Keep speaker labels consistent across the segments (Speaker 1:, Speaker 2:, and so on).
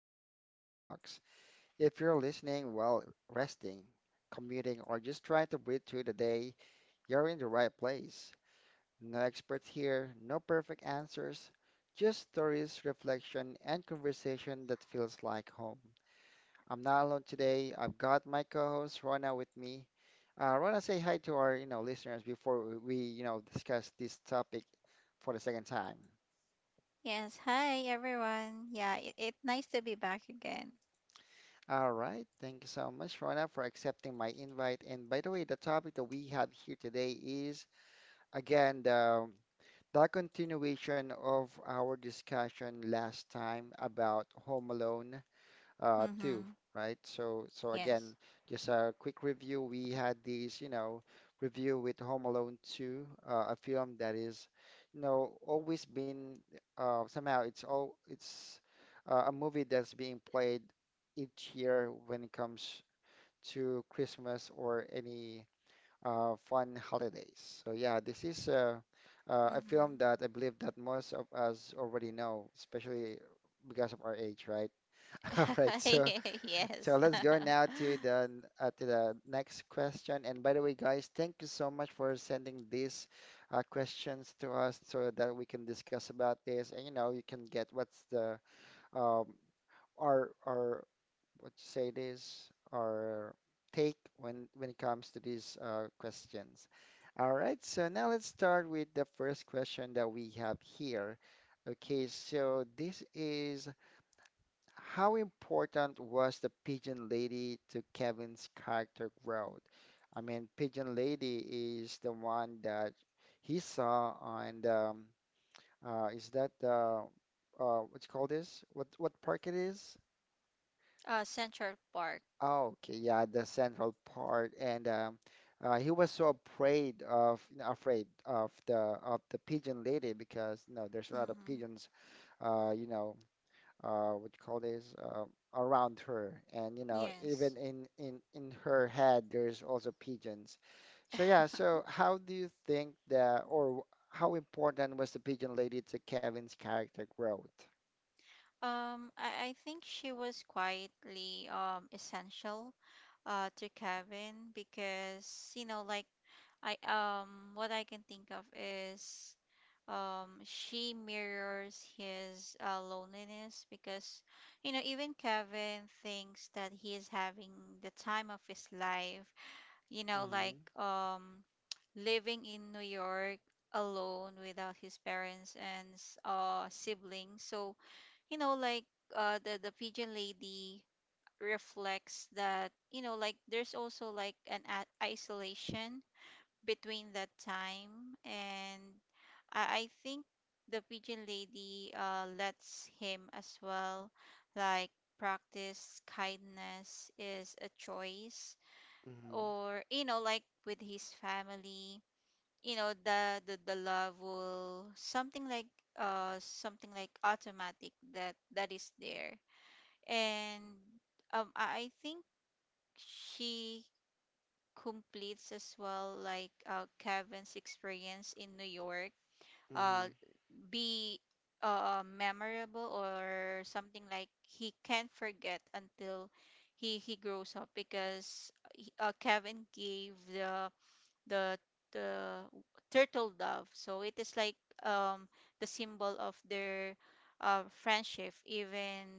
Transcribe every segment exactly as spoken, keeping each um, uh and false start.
Speaker 1: to Popcorn Talks. If you're listening while resting, commuting, or just trying to breathe through the day, you're in the right place. No experts here, no perfect answers, just stories, reflection, and conversation that feels like home. I'm not alone today. I've got my co-host Rona with me. Uh, Rona, say hi to our, you know, listeners before we, you know, discuss this topic for the second time.
Speaker 2: Yes, hi everyone. Yeah, it, it nice to be back again.
Speaker 1: All right. Thank you so much, Rona, for accepting my invite. And by the way, the topic that we have here today is again the, the continuation of our discussion last time about Home Alone uh, too,
Speaker 2: Mhm.
Speaker 1: right? So, so again,
Speaker 2: Yes.
Speaker 1: just a quick review. We had these, you know, review with Home Alone two, uh, a film that is, you know, always been uh, somehow it's all it's uh, a movie that's being played each year when it comes to Christmas or any uh, fun holidays. So yeah, this is a, uh, a film
Speaker 2: Mhm.
Speaker 1: that I believe that most of us already know, especially because of our age, right? All right, so so
Speaker 2: yes.
Speaker 1: let's go now to the n- uh, to the next question. And by the way, guys, thank you so much for sending these uh, questions to us so that we can discuss about this. And you know, you can get what's the um, our our what you say this our take when when it comes to these uh, questions. All right, so now let's start with the first question that we have here. Okay, so this is how important was the Pigeon Lady to Kevin's character growth? I mean, Pigeon Lady is the one that he saw on the, um, uh, is that the, uh, what you call this? What what park it is?
Speaker 2: uh Central Park.
Speaker 1: Oh, okay, yeah, the Central Park, and um, uh, he was so afraid of afraid of the of the Pigeon Lady because you know there's a lot of
Speaker 2: Mhm.
Speaker 1: pigeons, uh, you know, uh, what you call this, uh, around her. And, you know, even
Speaker 2: Yes.
Speaker 1: in, in, in her head, there's also pigeons. So, yeah, so how do you think that, or w- how important was the pigeon lady to Kevin's character growth?
Speaker 2: Um, I, I think she was quietly um essential uh to Kevin because you know like I um what I can think of is um she mirrors his uh, loneliness because you know even Kevin thinks that he is having the time of his life you know
Speaker 1: Mm-hmm.
Speaker 2: like um living in New York alone without his parents and s- uh siblings. So you know like uh the the pigeon lady reflects that, you know, like there's also like an a- isolation between that time. And I, I think the pigeon lady uh lets him as well like practice kindness is a choice,
Speaker 1: Mm-hmm.
Speaker 2: or you know like with his family you know the the, the love will something like uh something like automatic that that is there. And um I I think she completes as well like uh, Kevin's experience in New York.
Speaker 1: Mm-hmm.
Speaker 2: Uh be uh Memorable, or something like he can't forget until he he grows up, because uh, he- uh, Kevin gave the the the turtle dove. So it is like um the symbol of their uh, friendship, even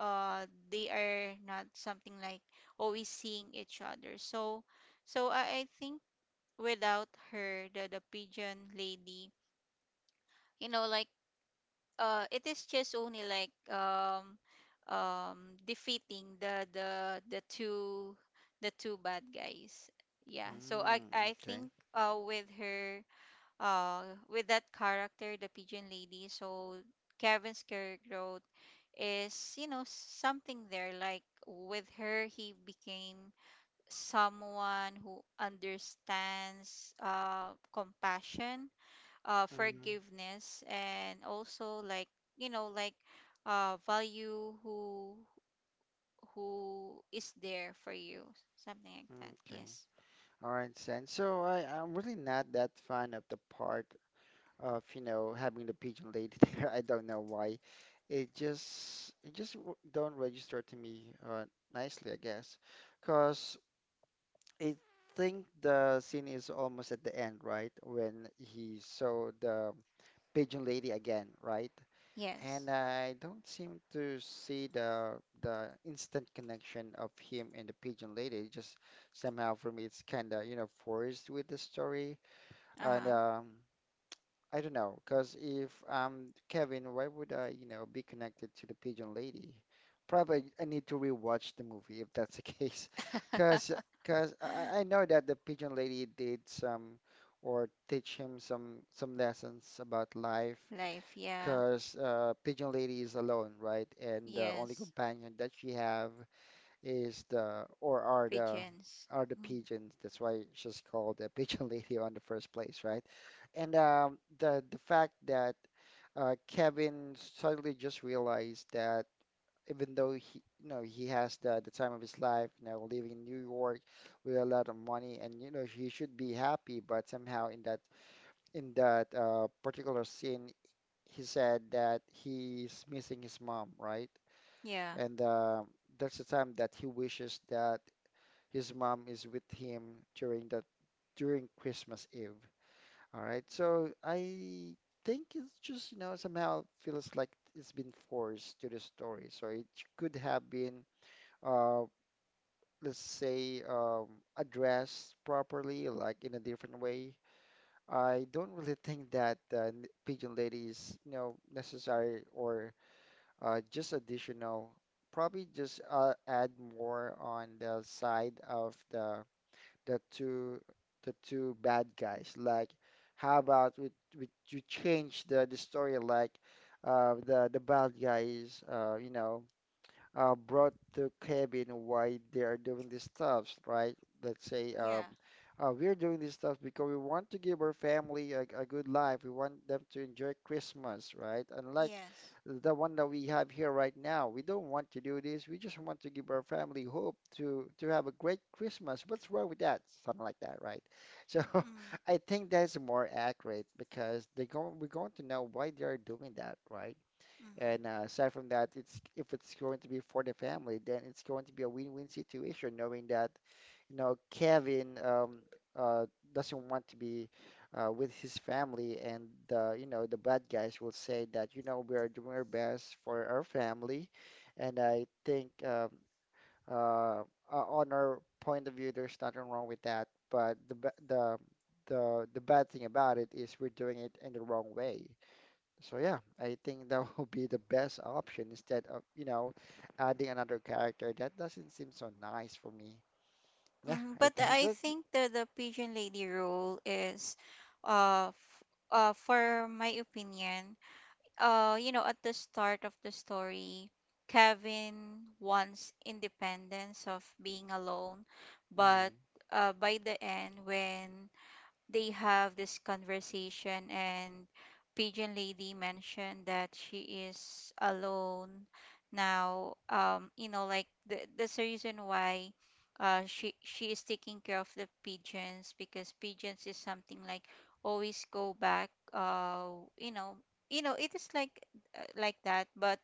Speaker 2: uh they are not something like always seeing each other. So so I, I think without her, the the pigeon lady, you know, like uh it is just only like um um defeating the the the two the two bad guys. yeah so i
Speaker 1: Mm-hmm.
Speaker 2: i
Speaker 1: Okay.
Speaker 2: think uh with her, uh, with that character, the pigeon lady. So Kevin's career growth is, you know, something there. Like with her, he became someone who understands uh, compassion, uh,
Speaker 1: Mm-hmm.
Speaker 2: forgiveness, and also like, you know, like uh, value who who is there for you, something like that.
Speaker 1: Okay.
Speaker 2: Yes.
Speaker 1: All right, Sen. So I, I'm really not that fan of the part of you know having the pigeon lady there. I don't know why. It just it just w- don't register to me uh, nicely, I guess, because I think the scene is almost at the end, right? When he saw the pigeon lady again, right?
Speaker 2: Yes.
Speaker 1: And I don't seem to see the the instant connection of him and the pigeon lady. Just somehow for me, it's kind of you know forced with the story, and
Speaker 2: Uh
Speaker 1: um, I don't know, because if um Kevin, why would I, you know, be connected to the Pigeon Lady? Probably I need to rewatch the movie if that's the case,
Speaker 2: huh.
Speaker 1: because because I, I know that the Pigeon Lady did some or teach him some some lessons about life,
Speaker 2: Life. Yeah.
Speaker 1: because uh, Pigeon Lady is alone, right? And the only
Speaker 2: Yes.
Speaker 1: companion that she have is the or are the
Speaker 2: Pigeons.
Speaker 1: are the
Speaker 2: Mm.
Speaker 1: pigeons. That's why she's called a pigeon lady on the first place, right? And um, the the fact that uh, Kevin suddenly just realized that even though he you know he has the the time of his life, you know, living in New York with a lot of money, and you know he should be happy, but somehow in that in that uh, particular scene, he said that he's missing his mom, right?
Speaker 2: Yeah,
Speaker 1: And uh, that's the time that he wishes that his mom is with him during that during Christmas Eve. All right. So I think it's just, you know, somehow feels like it's been forced to the story. So it could have been, uh, let's say, um, addressed properly, like in a different way. I don't really think that uh, n- Pigeon Lady is, you know, necessary or uh, just additional. Probably just uh, add more on the side of the the two the two bad guys. Like, how about we, we you change the the story like uh the the bad guys uh you know uh, brought to Kevin why they are doing these stuffs, right? Let's say um,
Speaker 2: yeah,
Speaker 1: uh, we're doing these stuff because we want to give our family a, a good life. We want them to enjoy Christmas, right? Unlike
Speaker 2: yes.
Speaker 1: the one that we have here right now, we don't want to do this. We just want to give our family hope to to have a great Christmas. What's wrong with that? Something like that, right? So
Speaker 2: Mm,
Speaker 1: I think that's more accurate because they go we're going to know why they are doing that, right? And
Speaker 2: mm-hmm.
Speaker 1: uh, aside from that, it's if it's going to be for the family, then it's going to be a win-win situation, knowing that, you know, Kevin um, uh, doesn't want to be uh, with his family, and uh, you know, the bad guys will say that, you know, we are doing our best for our family, and I think um, uh, o- on our point of view, there's nothing wrong with that. But the ba- the the the bad thing about it is we're doing it in the wrong way. So yeah, I think that will be the best option instead of, you know, adding another character. That doesn't seem so nice for me. Yeah,
Speaker 2: Mm,
Speaker 1: I
Speaker 2: but
Speaker 1: think
Speaker 2: I
Speaker 1: that's
Speaker 2: think the the pigeon lady role is, uh, f- uh, for my opinion, uh, you know, at the start of the story, Kevin wants independence of being alone, but
Speaker 1: mm,
Speaker 2: uh, by the end, when they have this conversation and pigeon lady mentioned that she is alone now, um you know like the, that's the reason why uh she she is taking care of the pigeons, because pigeons is something like always go back. uh you know you know it is like uh, like that. But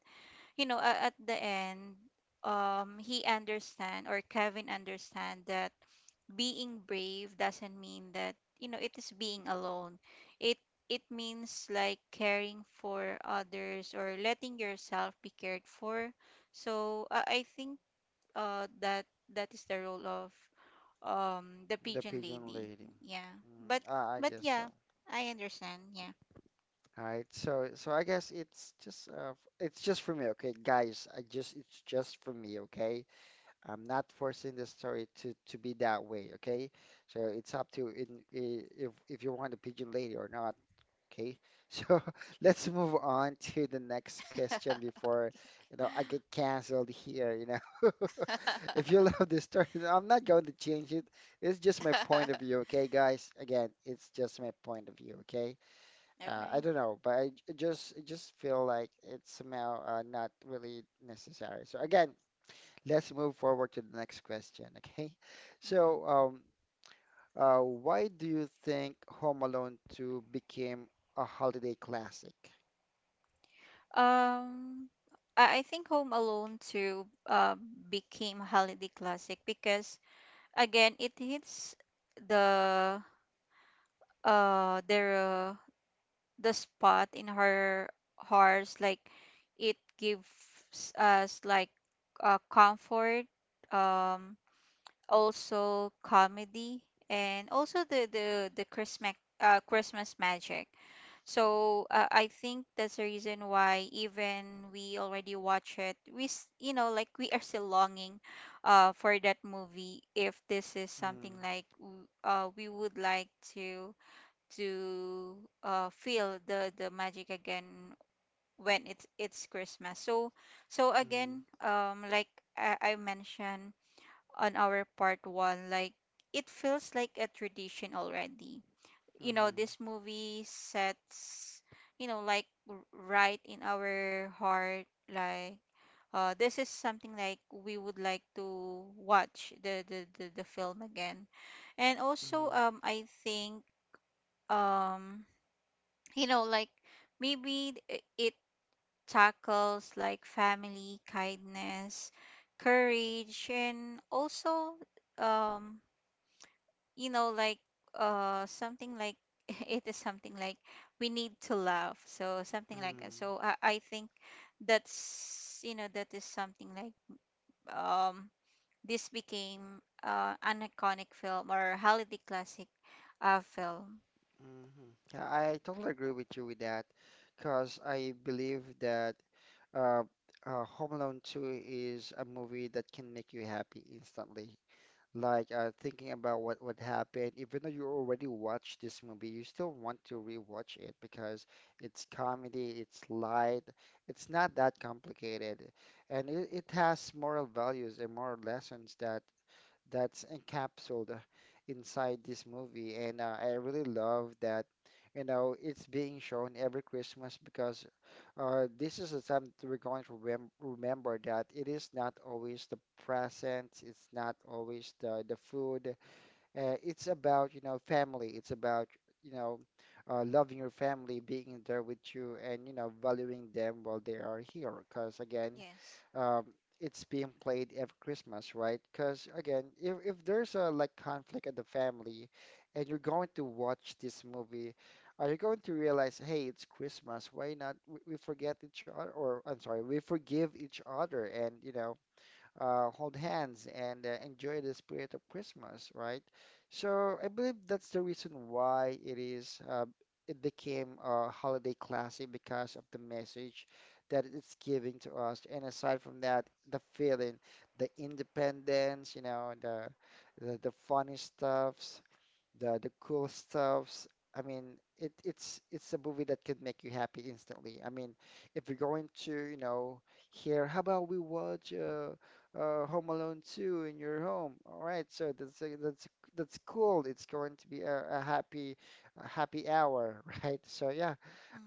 Speaker 2: you know uh, at the end, um he understand, or Kevin understand, that being brave doesn't mean that you know it is being alone. it it means like caring for others or letting yourself be cared for. So uh, i think uh that that is the role of um the
Speaker 1: the
Speaker 2: pigeon
Speaker 1: pigeon
Speaker 2: lady.
Speaker 1: lady.
Speaker 2: Yeah, but
Speaker 1: Mm, I, I
Speaker 2: but
Speaker 1: guess
Speaker 2: yeah,
Speaker 1: so.
Speaker 2: I understand. Yeah.
Speaker 1: All right, so so I guess it's just uh, it's just for me, okay, guys. I just it's just for me, okay. I'm not forcing the story to to be that way, okay. So it's up to in, i- if if you want the pigeon lady or not. Okay, so let's move on to the next question before, you know, I get canceled here, you know. If you love this story, then I'm not going to change it. It's just my point of view, okay, guys? Again, it's just my point of view, okay? Uh, I
Speaker 2: Okay.
Speaker 1: don't know, but I j- just I just feel like it's somehow uh, not really necessary. So again, let's move forward to the next question, okay? So,
Speaker 2: Mhm.
Speaker 1: um, uh, why do you think Home Alone two became a holiday classic?
Speaker 2: um I I think Home Alone two uh, became a holiday classic because again it hits the uh their the spot in her hearts. Like it gives us like uh, comfort, um also comedy, and also the the the Christmas, uh, Christmas magic. So uh, I think that's the reason why even we already watch it, we s- you know like we are still longing uh, for that movie. If this is something
Speaker 1: Mm,
Speaker 2: like w- uh, we would like to to uh, feel the the magic again when it's it's Christmas. So so
Speaker 1: mm,
Speaker 2: again um like I, I mentioned on our part one, like it feels like a tradition already. You know,
Speaker 1: mhm,
Speaker 2: this movie sets, you know, like r- right in our heart, like uh, this is something like we would like to watch the the, the, the film again. And also,
Speaker 1: mhm,
Speaker 2: um, I think, um, you know, like maybe th- it tackles like family, kindness, courage, and also um you know like uh something like it is something like we need to laugh, so something like that.
Speaker 1: mhm,
Speaker 2: So i, I think that's you know that is something like um this became uh, an iconic film or holiday classic uh film.
Speaker 1: mhm. Yeah, I totally agree with you with that because I believe that uh, uh, Home Alone two is a movie that can make you happy instantly. Like uh, thinking about what what happened. Even though you already watched this movie, you still want to rewatch it because it's comedy, it's light, it's not that complicated, and it, it has moral values and moral lessons that that's encapsulated inside this movie. And uh, I really love that, you know, it's being shown every Christmas because uh, this is the time that we're going to remem remember that it is not always the presents, it's not always the, the food. Uh, it's about, you know, family. It's about, you know, uh, loving your family, being there with you, and, you know, valuing them while they are here. Because again,
Speaker 2: Yes.
Speaker 1: um, it's being played every Christmas, right? Because again, if, if there's a like conflict at the family and you're going to watch this movie, are you going to realize, hey, it's Christmas, why not? We, we forget each other, or I'm sorry, we forgive each other and, you know, uh, hold hands and uh, enjoy the spirit of Christmas, right? So I believe that's the reason why it is uh, it became a holiday classic because of the message that it's giving to us. And aside from that, the feeling, the independence, you know, the the, the funny stuff, the the cool stuffs. I mean, it it's it's a movie that can make you happy instantly. I mean, if you're going to, you know, here, how about we watch uh, uh, Home Alone two in your home? All right, so that's a, that's that's cool. It's going to be a, a happy a happy hour, right? So yeah,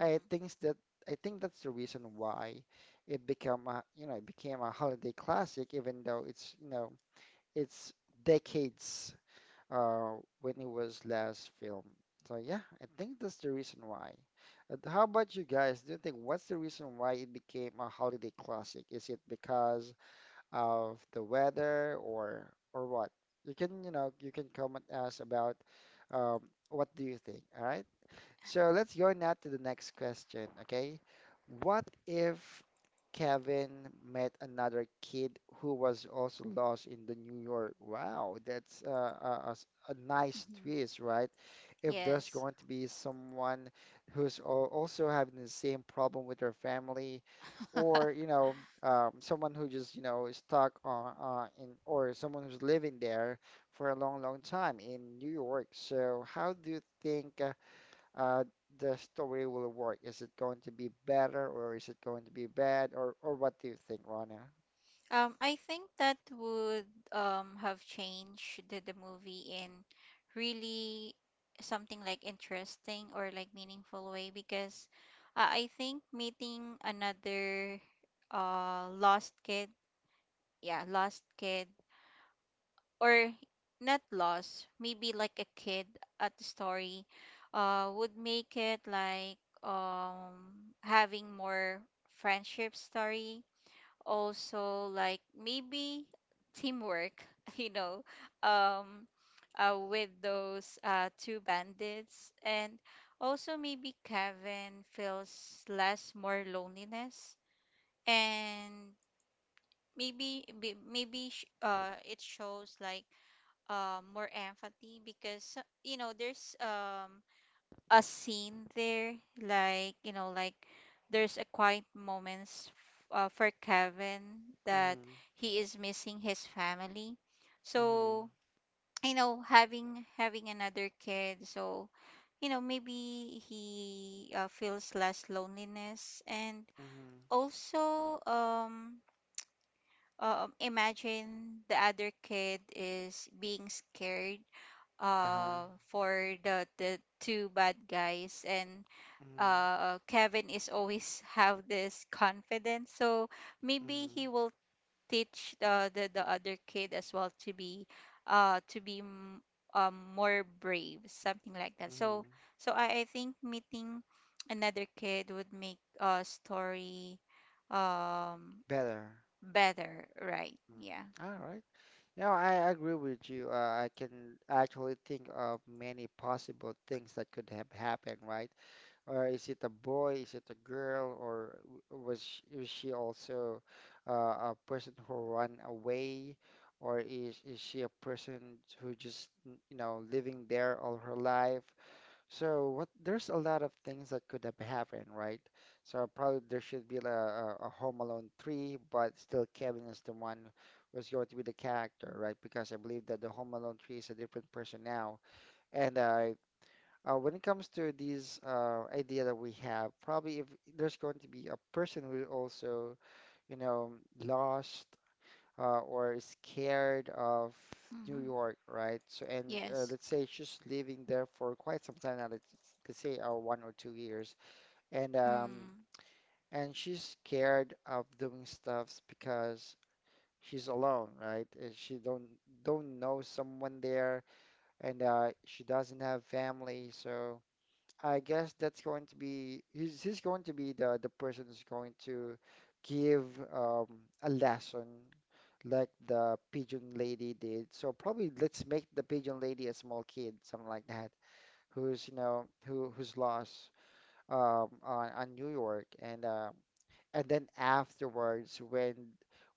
Speaker 1: I think that I think that's the reason why it become a, you know, it became a holiday classic, even though it's, you know, it's decades uh, when it was last filmed. So yeah, I think that's the reason why. But how about you guys? Do you think what's the reason why it became a holiday classic? Is it because of the weather or or what? You can, you know, you can comment us about um, what do you think, all right? So let's go now to the next question, okay? What if Kevin met another kid who was also lost in the New York? Wow, that's uh, a, a s- a nice
Speaker 2: Mm-hmm.
Speaker 1: twist, right? If there's
Speaker 2: Yes.
Speaker 1: going to be someone who's al- also having the same problem with their family, or you know, um, someone who just you know is stuck on uh, in, or someone who's living there for a long, long time in New York. So how do you think? Uh, uh, the story will work? Is it going to be better or is it going to be bad? Or, or what do you think, Rana?
Speaker 2: Um, I think that would um have changed the, the movie in really something like interesting or like meaningful way because uh, I think meeting another uh lost kid, yeah, lost kid, or not lost, maybe like a kid at the story uh would make it like um having more friendship story, also like maybe teamwork, you know, um uh, with those uh, two bandits. And also maybe kevin feels less more loneliness. And maybe may- maybe sh- uh it shows like uh, more empathy because uh, you know there's um a scene there like you know like there's a quiet moments f- uh, for kevin that
Speaker 1: Mhm.
Speaker 2: he is missing his family.
Speaker 1: Mhm.
Speaker 2: So you know having having another kid, so you know maybe he uh, feels less loneliness. And
Speaker 1: Mhm.
Speaker 2: also um um, imagine the other kid is being scared
Speaker 1: Uh-huh.
Speaker 2: uh, for the the two bad guys, and
Speaker 1: Mhm.
Speaker 2: uh Kevin is always have this confidence. So maybe
Speaker 1: Mhm.
Speaker 2: he will teach the the, the other kid as well to be uh to be m- um more brave, something like that. So
Speaker 1: Mhm.
Speaker 2: so I, I think meeting another kid would make a story um
Speaker 1: Better.
Speaker 2: better, right?
Speaker 1: Mm.
Speaker 2: Yeah.
Speaker 1: All right. No, I agree with you. Uh, I can actually think of many possible things that could have happened, right? Or is it a boy? Is it a girl? Or w- was she, is she also uh, a person who ran away? Or is, is she a person who just, n- you know, living there all her life? So what, there's a lot of things that could have happened, right? So probably there should be a, a, a Home Alone three, but still Kevin is the one who's going to be the character, right? Because I believe that the Home Alone three is a different person now. And I uh, when it comes to these uh, idea that we have, probably if there's going to be a person who also, you know, lost uh, or is scared of New
Speaker 2: Hmm.
Speaker 1: York, right? So, and uh,
Speaker 2: Yes.
Speaker 1: let's say she's living there for quite some time now, let's, let's say uh, one or two years, and um,
Speaker 2: Mm,
Speaker 1: and she's scared of doing stuffs because she's alone, right? Uh, she don't don't know someone there, and uh, she doesn't have family, so. I guess that's going to be he's, he's going to be the the person who's going to give um, a lesson like the pigeon lady did. So probably let's make the pigeon lady a small kid, something like that, who's you know who who's lost um, on on New York, and uh, and then afterwards when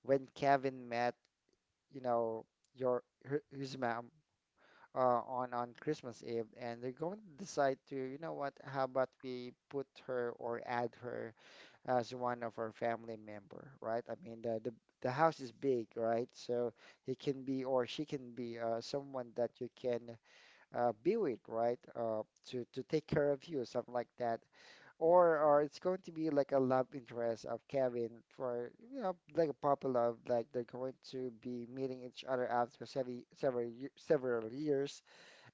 Speaker 1: when Kevin met you know your her, his mom, uh, on on Christmas Eve, and they're going to decide to, you know what, how about we put her or add her as one of our family member, right? I mean, the the the house is big, right? So he can be or she can be uh, someone that you can uh, be with, right? Uh, to to take care of you, something like that. Or or it's going to be like a love interest of Kevin for, you know, like a puppy love, like they're going to be meeting each other after several several ye- several years,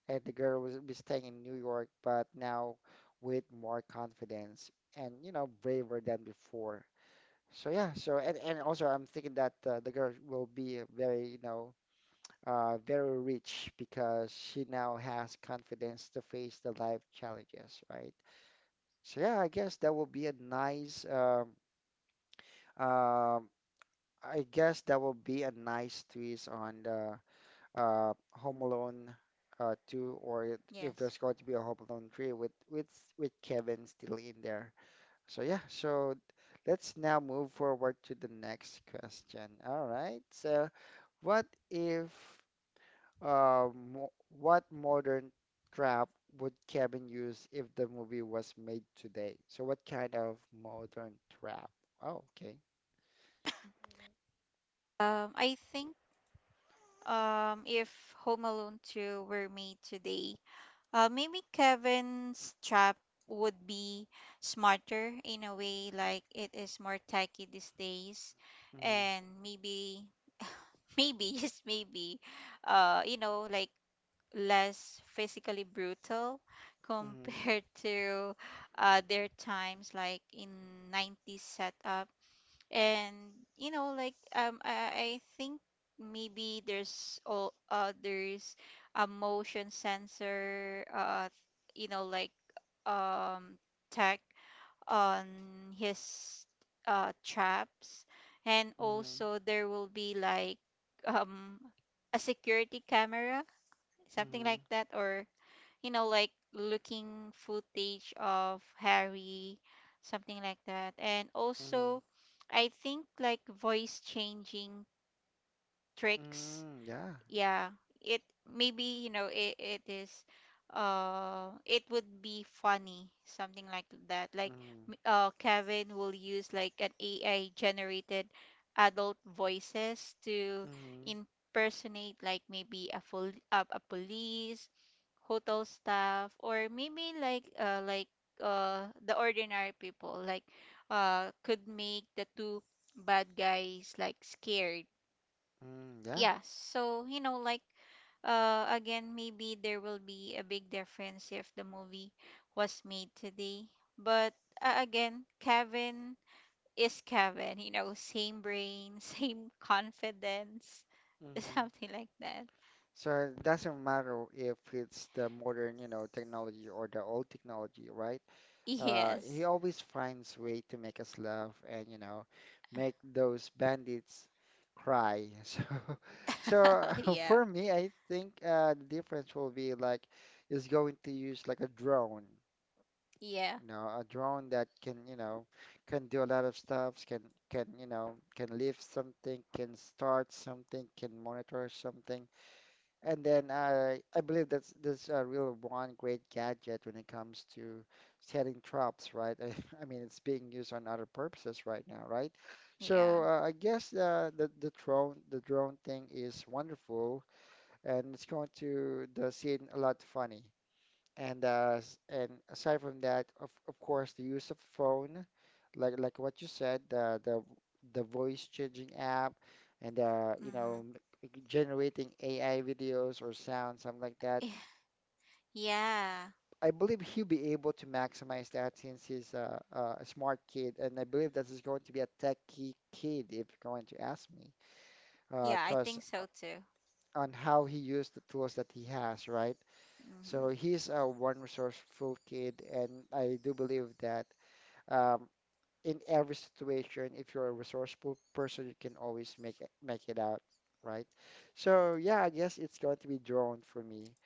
Speaker 1: and the girl was be staying in New York, but now with more confidence and you know braver than before. So yeah, so and, and also I'm thinking that uh, the girl will be a very you know uh, very rich because she now has confidence to face the life challenges, right? So yeah, I guess that will be a nice um, um, I guess that will be a nice twist on the uh, Home Alone uh, two, or if
Speaker 2: yes.
Speaker 1: there's going to be a Home Alone three with with with Kevin still in there. So yeah, so let's now move forward to the next question. All right. So what if um mo- what modern trap would Kevin use if the movie was made today? So what kind of modern trap? Oh, okay.
Speaker 2: Um, I think um, if Home Alone two were made today, Uh, maybe Kevin's trap would be smarter in a way, like it is more techy these days.
Speaker 1: Mm-hmm.
Speaker 2: And maybe, maybe, yes, maybe, uh, you know, like less physically brutal
Speaker 1: Mm-hmm.
Speaker 2: compared to uh, their times, like in nineties setup. And you know like um I, I think maybe there's all uh there's a motion sensor, uh you know like um tech on his uh traps. And
Speaker 1: Mm-hmm.
Speaker 2: also there will be like um a security camera, something
Speaker 1: Mm-hmm.
Speaker 2: like that, or you know, like looking footage of Harry, something like that. And
Speaker 1: Mm-hmm.
Speaker 2: also, I think like voice changing tricks.
Speaker 1: Mm, yeah.
Speaker 2: Yeah, it maybe you know it, it is uh it would be funny, something like that. Like
Speaker 1: Mm.
Speaker 2: m- uh Kevin will use like an A I generated adult voices to
Speaker 1: Mm-hmm.
Speaker 2: impersonate like maybe a full uh, a police, hotel staff, or maybe like uh like uh the ordinary people, like uh could make the two bad guys like scared.
Speaker 1: Mm, yeah.
Speaker 2: Yeah, so you know like uh again maybe there will be a big difference if the movie was made today. But uh, again kevin is kevin, you know, same brain, same confidence,
Speaker 1: Mm-hmm.
Speaker 2: something like that.
Speaker 1: So it doesn't matter if it's the modern, you know, technology or the old technology, right? Uh, he
Speaker 2: Yes.
Speaker 1: always finds way to make us laugh and, you know, make those bandits cry. So, so
Speaker 2: Yeah.
Speaker 1: for me, I think uh, the difference will be like is going to use like a drone.
Speaker 2: Yeah.
Speaker 1: You know, a drone that can, you know, can do a lot of stuff, can can, you know, can lift something, can start something, can monitor something. And then I I believe that's that's a real one great gadget when it comes to setting traps, right? I, mean, it's being used on other purposes right now, right?
Speaker 2: Yeah.
Speaker 1: So uh, I guess uh, the the drone, the drone thing is wonderful, and it's going to the scene a lot funny. And uh, s- and aside from that, of of course, the use of phone, like like what you said, the the the voice changing app, and uh, you
Speaker 2: Hmm.
Speaker 1: know, m- generating A I videos or sound, something like that.
Speaker 2: Yeah. Yeah.
Speaker 1: I believe he'll be able to maximize that since he's a, a a smart kid, and I believe that he's going to be a techie kid if you're going to ask me,
Speaker 2: Yeah, I
Speaker 1: because
Speaker 2: think so too.
Speaker 1: on how he used the tools that he has, right?
Speaker 2: Hmm.
Speaker 1: So he's a one resourceful kid, and I do believe that um, in every situation, if you're a resourceful person, you can always make it make it out, right? So yeah, I guess it's going to be drawn for me.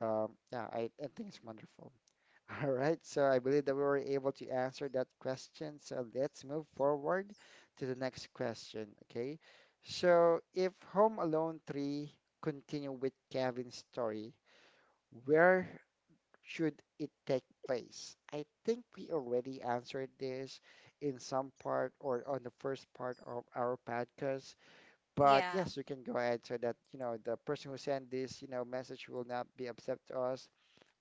Speaker 1: Um, yeah, I, I think it's wonderful. All right, so I believe that we were able to answer that question. So let's move forward to the next question. Okay, so if Home Alone three continue with Kevin's story, where should it take place? I think we already answered this in some part or on the first part of our podcast. But
Speaker 2: Yeah.
Speaker 1: yes, you can go ahead so that, you know, the person who sent this, you know, message will not be upset to us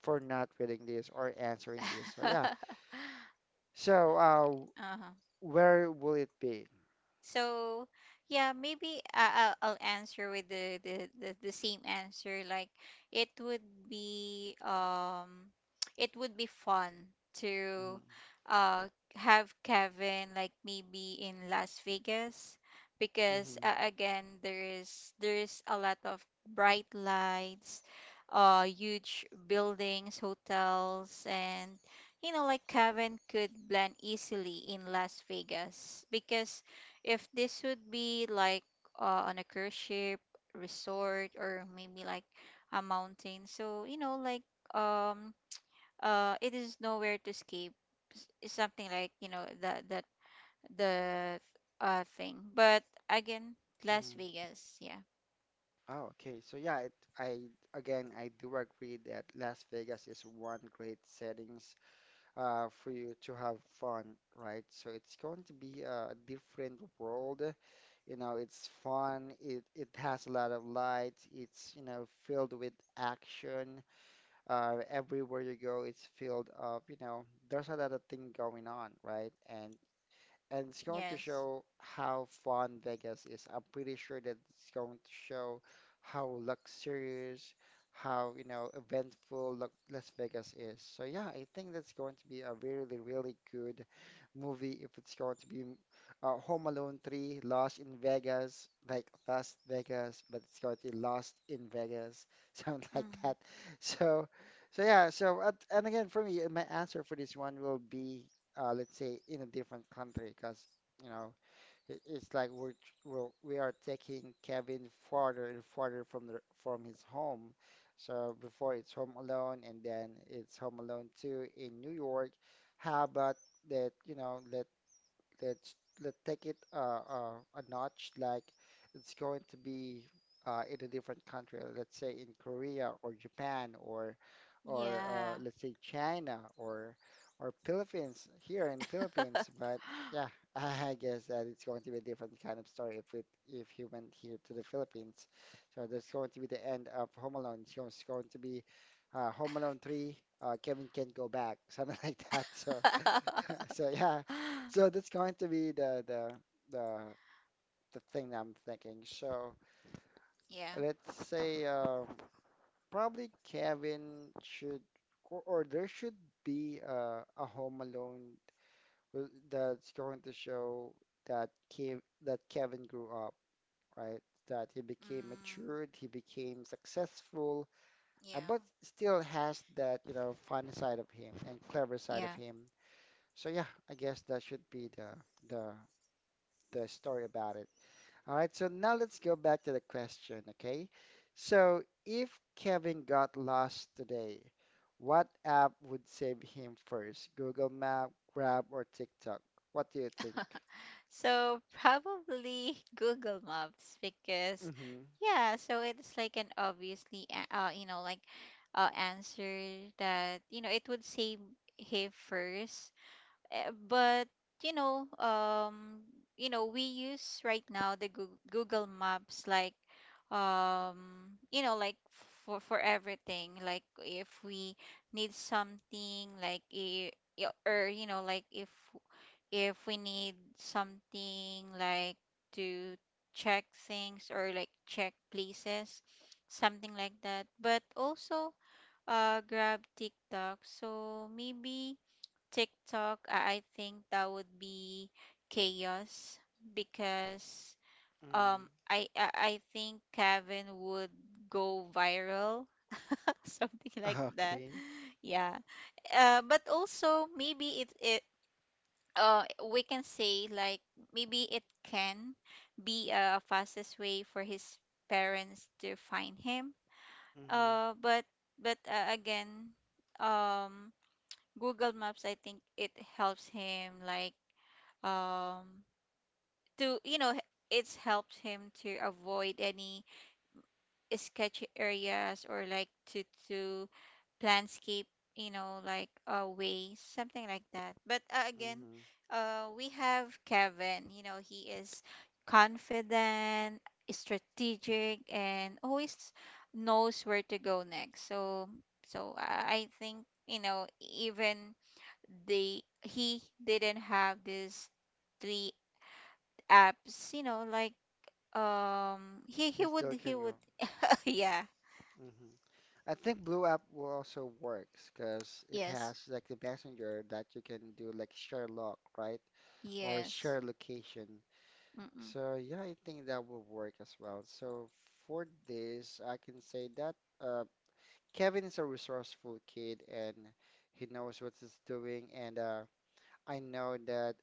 Speaker 1: for not reading this or answering this. So yeah. So uh,
Speaker 2: Uh-huh.
Speaker 1: where will it be?
Speaker 2: So yeah, maybe I- I'll, I'll answer with the, the, the, the same answer. Like it would be um it would be fun
Speaker 1: Mm,
Speaker 2: to uh have Kevin like maybe in Las Vegas, because
Speaker 1: mhm,
Speaker 2: uh, again there is there is a lot of bright lights, uh huge buildings, hotels. And you know like Kevin could blend easily in Las Vegas, because if this would be like uh, on a cruise ship, resort, or maybe like a mountain, so you know, like um, uh, it is nowhere to escape. s- It's something like you know that that the uh thing. But again, Las
Speaker 1: mhm.
Speaker 2: Vegas, yeah,
Speaker 1: Oh, okay. So yeah, it, I again I do agree that Las Vegas is one great settings uh, for you to have fun, right? So it's going to be a different world. You know, it's fun. It it has a lot of lights. It's, you know, filled with action. Uh, everywhere you go, it's filled of, you know, there's a lot of thing going on, right? And and it's going to
Speaker 2: yes,
Speaker 1: show how fun Vegas is. I'm pretty sure that it's going to show how luxurious, how, you know, eventful Lo- Las Vegas is. So yeah, I think that's going to be a really, really good movie if it's going to be mm, uh, Home Alone three, Lost in Vegas, like Las Vegas, but it's going to be Lost in Vegas, something like that.
Speaker 2: mm,
Speaker 1: So, so yeah, so at, and again for me, my answer for this one will be uh, let's say in a different country because you know it, it's like we're, tr- we're we are taking Kevin farther and farther from the from his home. So before it's Home Alone and then it's Home Alone two in New York. How about that, you know, let let's let's take it uh, uh, a notch. Like it's going to be uh, in a different country. Let's say in Korea or Japan or or uh,
Speaker 2: yeah,
Speaker 1: let's say China or or Philippines here in the Philippines. But yeah, I guess that it's going to be a different kind of story if it if he went here to the Philippines. So that's going to be the end of Home Alone. It's going it's going to be uh, Home Alone three, uh, Kevin Can not Go Back, something like that. So So yeah, so that's going to be the the the the thing I'm thinking. So
Speaker 2: yeah,
Speaker 1: let's say um, probably Kevin should or, or there should be uh, a Home Alone w- that's going to show that Kev that Kevin grew up, right? That he became
Speaker 2: mm,
Speaker 1: matured, he became successful, uh,
Speaker 2: yeah,
Speaker 1: but still has that, you know, funny side of him and clever side of
Speaker 2: yeah.
Speaker 1: him. So yeah, I guess that should be the the the story about it. All right, so now let's go back to the question, okay? So if Kevin got lost today, what app would save him first? Google Map, Grab, or TikTok? What do you think?
Speaker 2: So probably Google Maps, because
Speaker 1: Mm-hmm.
Speaker 2: yeah, so it's like an obviously a- uh you know like uh answer that you know it would say hey first. Uh, But you know um you know we use right now the Goo- Google Maps, like um you know like for for everything. Like if we need something like i- i- or you know like if if we need something like to check things or like check places, something like that. But also, uh, grab TikTok. So maybe TikTok, I I think that would be chaos, because um,
Speaker 1: Mm-hmm.
Speaker 2: I I, I think Kevin would go viral, something like that.
Speaker 1: Okay.
Speaker 2: Yeah. Uh, but also maybe it, it uh we can say like maybe it can be a fastest way for his parents to find him.
Speaker 1: Mm-hmm.
Speaker 2: uh but but uh, again um Google Maps, I think it helps him like um to you know h- it's helped him to avoid any sketchy areas or like to to landscape, you know like uh, ways, something like that. But uh, again
Speaker 1: Mm-hmm.
Speaker 2: uh, we have kevin, you know he is confident, strategic, and always knows where to go next. So so i I think you know even the he didn't have these three apps, you know like um he he
Speaker 1: He
Speaker 2: would
Speaker 1: still
Speaker 2: he
Speaker 1: can
Speaker 2: would.
Speaker 1: go.
Speaker 2: Yeah.
Speaker 1: Hmm. I think Blue App will also works because it
Speaker 2: Yes.
Speaker 1: has like the messenger that you can do like share log, right? Or
Speaker 2: Yes.
Speaker 1: share location.
Speaker 2: Mm-mm.
Speaker 1: So yeah, I think that will work as well. So for this, I can say that uh, Kevin is a resourceful kid and he knows what he's doing. And uh, I know that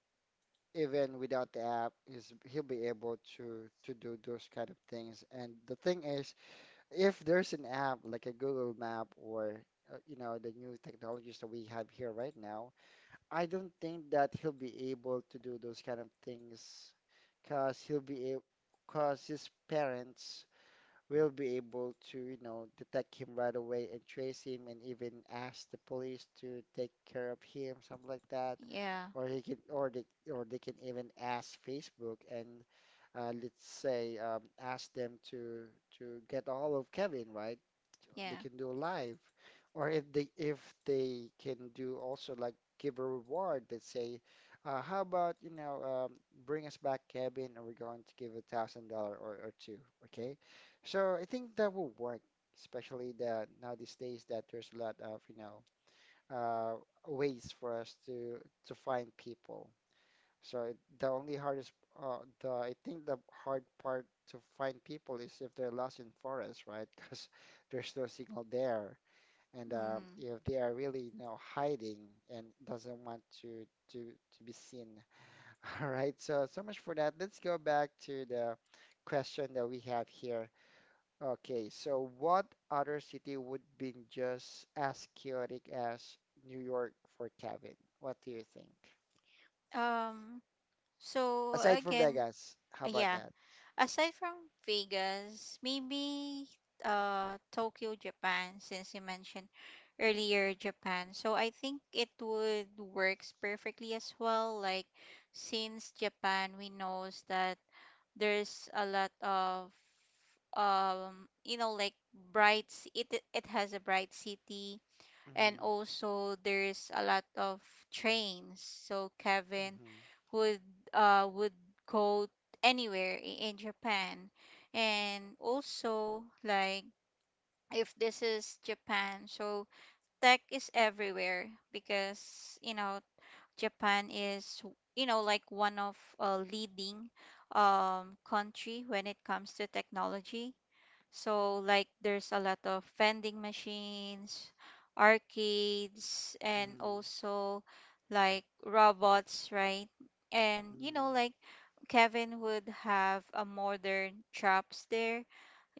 Speaker 1: even without the app, is he'll be able to to do those kind of things. And the thing is, if there's an app like a Google Map or uh, you know the new technologies that we have here right now, I don't think that he'll be able to do those kind of things because he'll be because his parents we'll be able to, you know, detect him right away and trace him and even ask the police to take care of him, something like that.
Speaker 2: Yeah.
Speaker 1: Or he can, or they, or they can even ask Facebook and uh, let's say um, ask them to to get all of Kevin, right? They
Speaker 2: Yeah.
Speaker 1: can do live, or if they if they can do also like give a reward. Let's say, uh, how about you know um, bring us back Kevin, and we're going to give a thousand dollar or or two, okay? So I think that will work, especially that now these days that there's a lot of, you know, uh, ways for us to to find people. So it, the only hardest, uh, the I think the hard part to find people is if they're lost in forest, right? Because there's no signal there, and uh,
Speaker 2: Mm-hmm.
Speaker 1: if they are really, you know, hiding and doesn't want to to to be seen. All right. So so much for that. Let's go back to the question that we have here. Okay, so what other city would be just as chaotic as New York for Kevin? What do you think?
Speaker 2: Um, so
Speaker 1: Aside from
Speaker 2: again,
Speaker 1: Vegas, how
Speaker 2: uh,
Speaker 1: about
Speaker 2: yeah,
Speaker 1: that?
Speaker 2: aside from Vegas, maybe uh Tokyo, Japan, since you mentioned earlier Japan. So I think it would works perfectly as well. Like since Japan, we knows that there's a lot of um, you know, like bright. c- It it has a bright city, and
Speaker 1: Mm-hmm.
Speaker 2: also there's a lot of trains, so Kevin
Speaker 1: Mm-hmm.
Speaker 2: would uh would go anywhere i- in Japan. And also like if this is Japan, so tech is everywhere, because you know Japan is you know like one of uh, leading um country when it comes to technology. So like there's a lot of vending machines, arcades, and
Speaker 1: Mm-hmm.
Speaker 2: also like robots, right? And you know,
Speaker 1: Mm-hmm.
Speaker 2: like Kevin would have a modern shops there,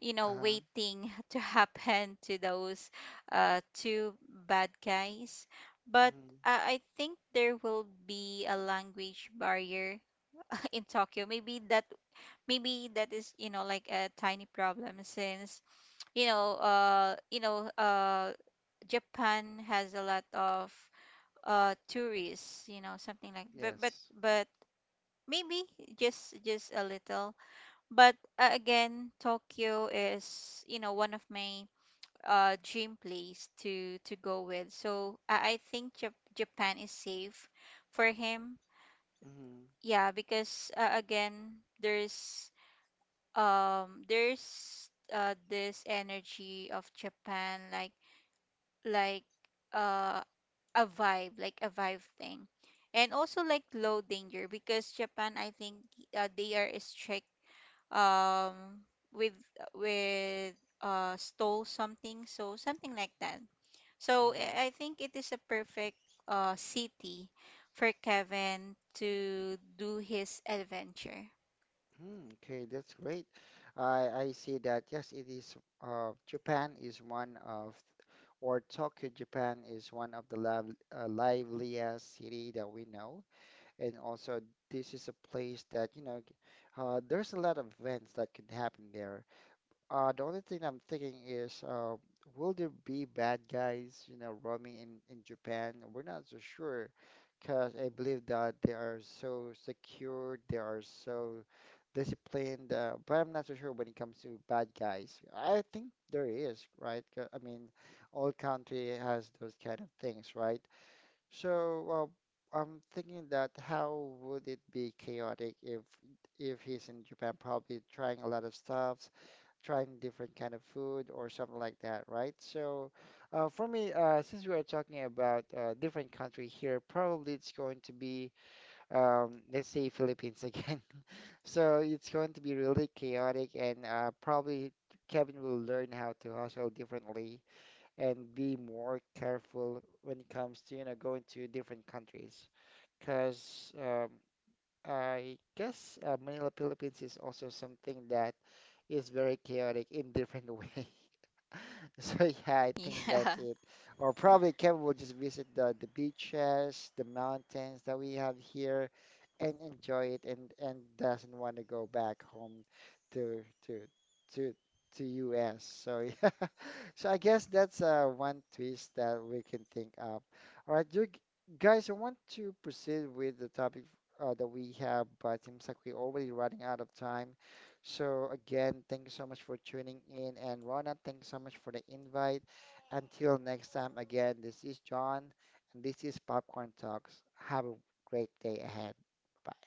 Speaker 2: you know,
Speaker 1: Uh-huh.
Speaker 2: waiting to happen to those uh two bad guys. But
Speaker 1: Mm-hmm.
Speaker 2: uh, I think there will be a language barrier in Tokyo. Maybe that maybe that is, you know, like a tiny problem, since you know uh you know uh Japan has a lot of uh tourists, you know, something like. But but
Speaker 1: Yes.
Speaker 2: but maybe just just a little. But uh, again Tokyo is you know one of my uh dream place to to go with. So I, I think Jap- Japan is safe for him.
Speaker 1: Mm-hmm.
Speaker 2: Yeah, because uh, again there's um there's uh this energy of Japan, like like uh a vibe, like a vibe thing. And also like low danger, because japan I think uh, they are strict um with with uh stole something, so something like that. So
Speaker 1: Mm-hmm.
Speaker 2: i I think it is a perfect uh city for kevin to do his adventure.
Speaker 1: Mm, okay, that's great. I I see that. Yes, it is. Uh, Japan is one of, or Tokyo, Japan is one of the live, uh, liveliest city that we know. And also, this is a place that, you know, uh, there's a lot of events that could happen there. Uh, the only thing I'm thinking is, uh, will there be bad guys, you know, roaming in, in Japan? We're not so sure, because I believe that they are so secure, they are so disciplined, uh, but I'm not so sure when it comes to bad guys. I think there is, right? 'Cause, I mean, all country has those kind of things, right? So, well, I'm thinking that how would it be chaotic if if he's in Japan, probably trying a lot of stuffs, trying different kind of food or something like that, right? So, uh, for me, uh, since we are talking about uh, different country here, probably it's going to be, um, let's say Philippines again. So it's going to be really chaotic, and uh, probably Kevin will learn how to hustle differently and be more careful when it comes to, you know, going to different countries. Because um, I guess uh, Manila, Philippines is also something that is very chaotic in different way. So yeah, I think
Speaker 2: Yeah.
Speaker 1: that's it. Or probably Kevin will just visit the the beaches, the mountains that we have here, and enjoy it, and and doesn't want to go back home to to to to U S. So yeah, so I guess that's uh one twist that we can think of. All right, you g- guys, I want to proceed with the topic uh, that we have, but seems like we're already running out of time. So again, thank you so much for tuning in. And Rona, thanks so much for the invite. Until next time, again, this is John, and this is Popcorn Talks. Have a great day ahead. Bye.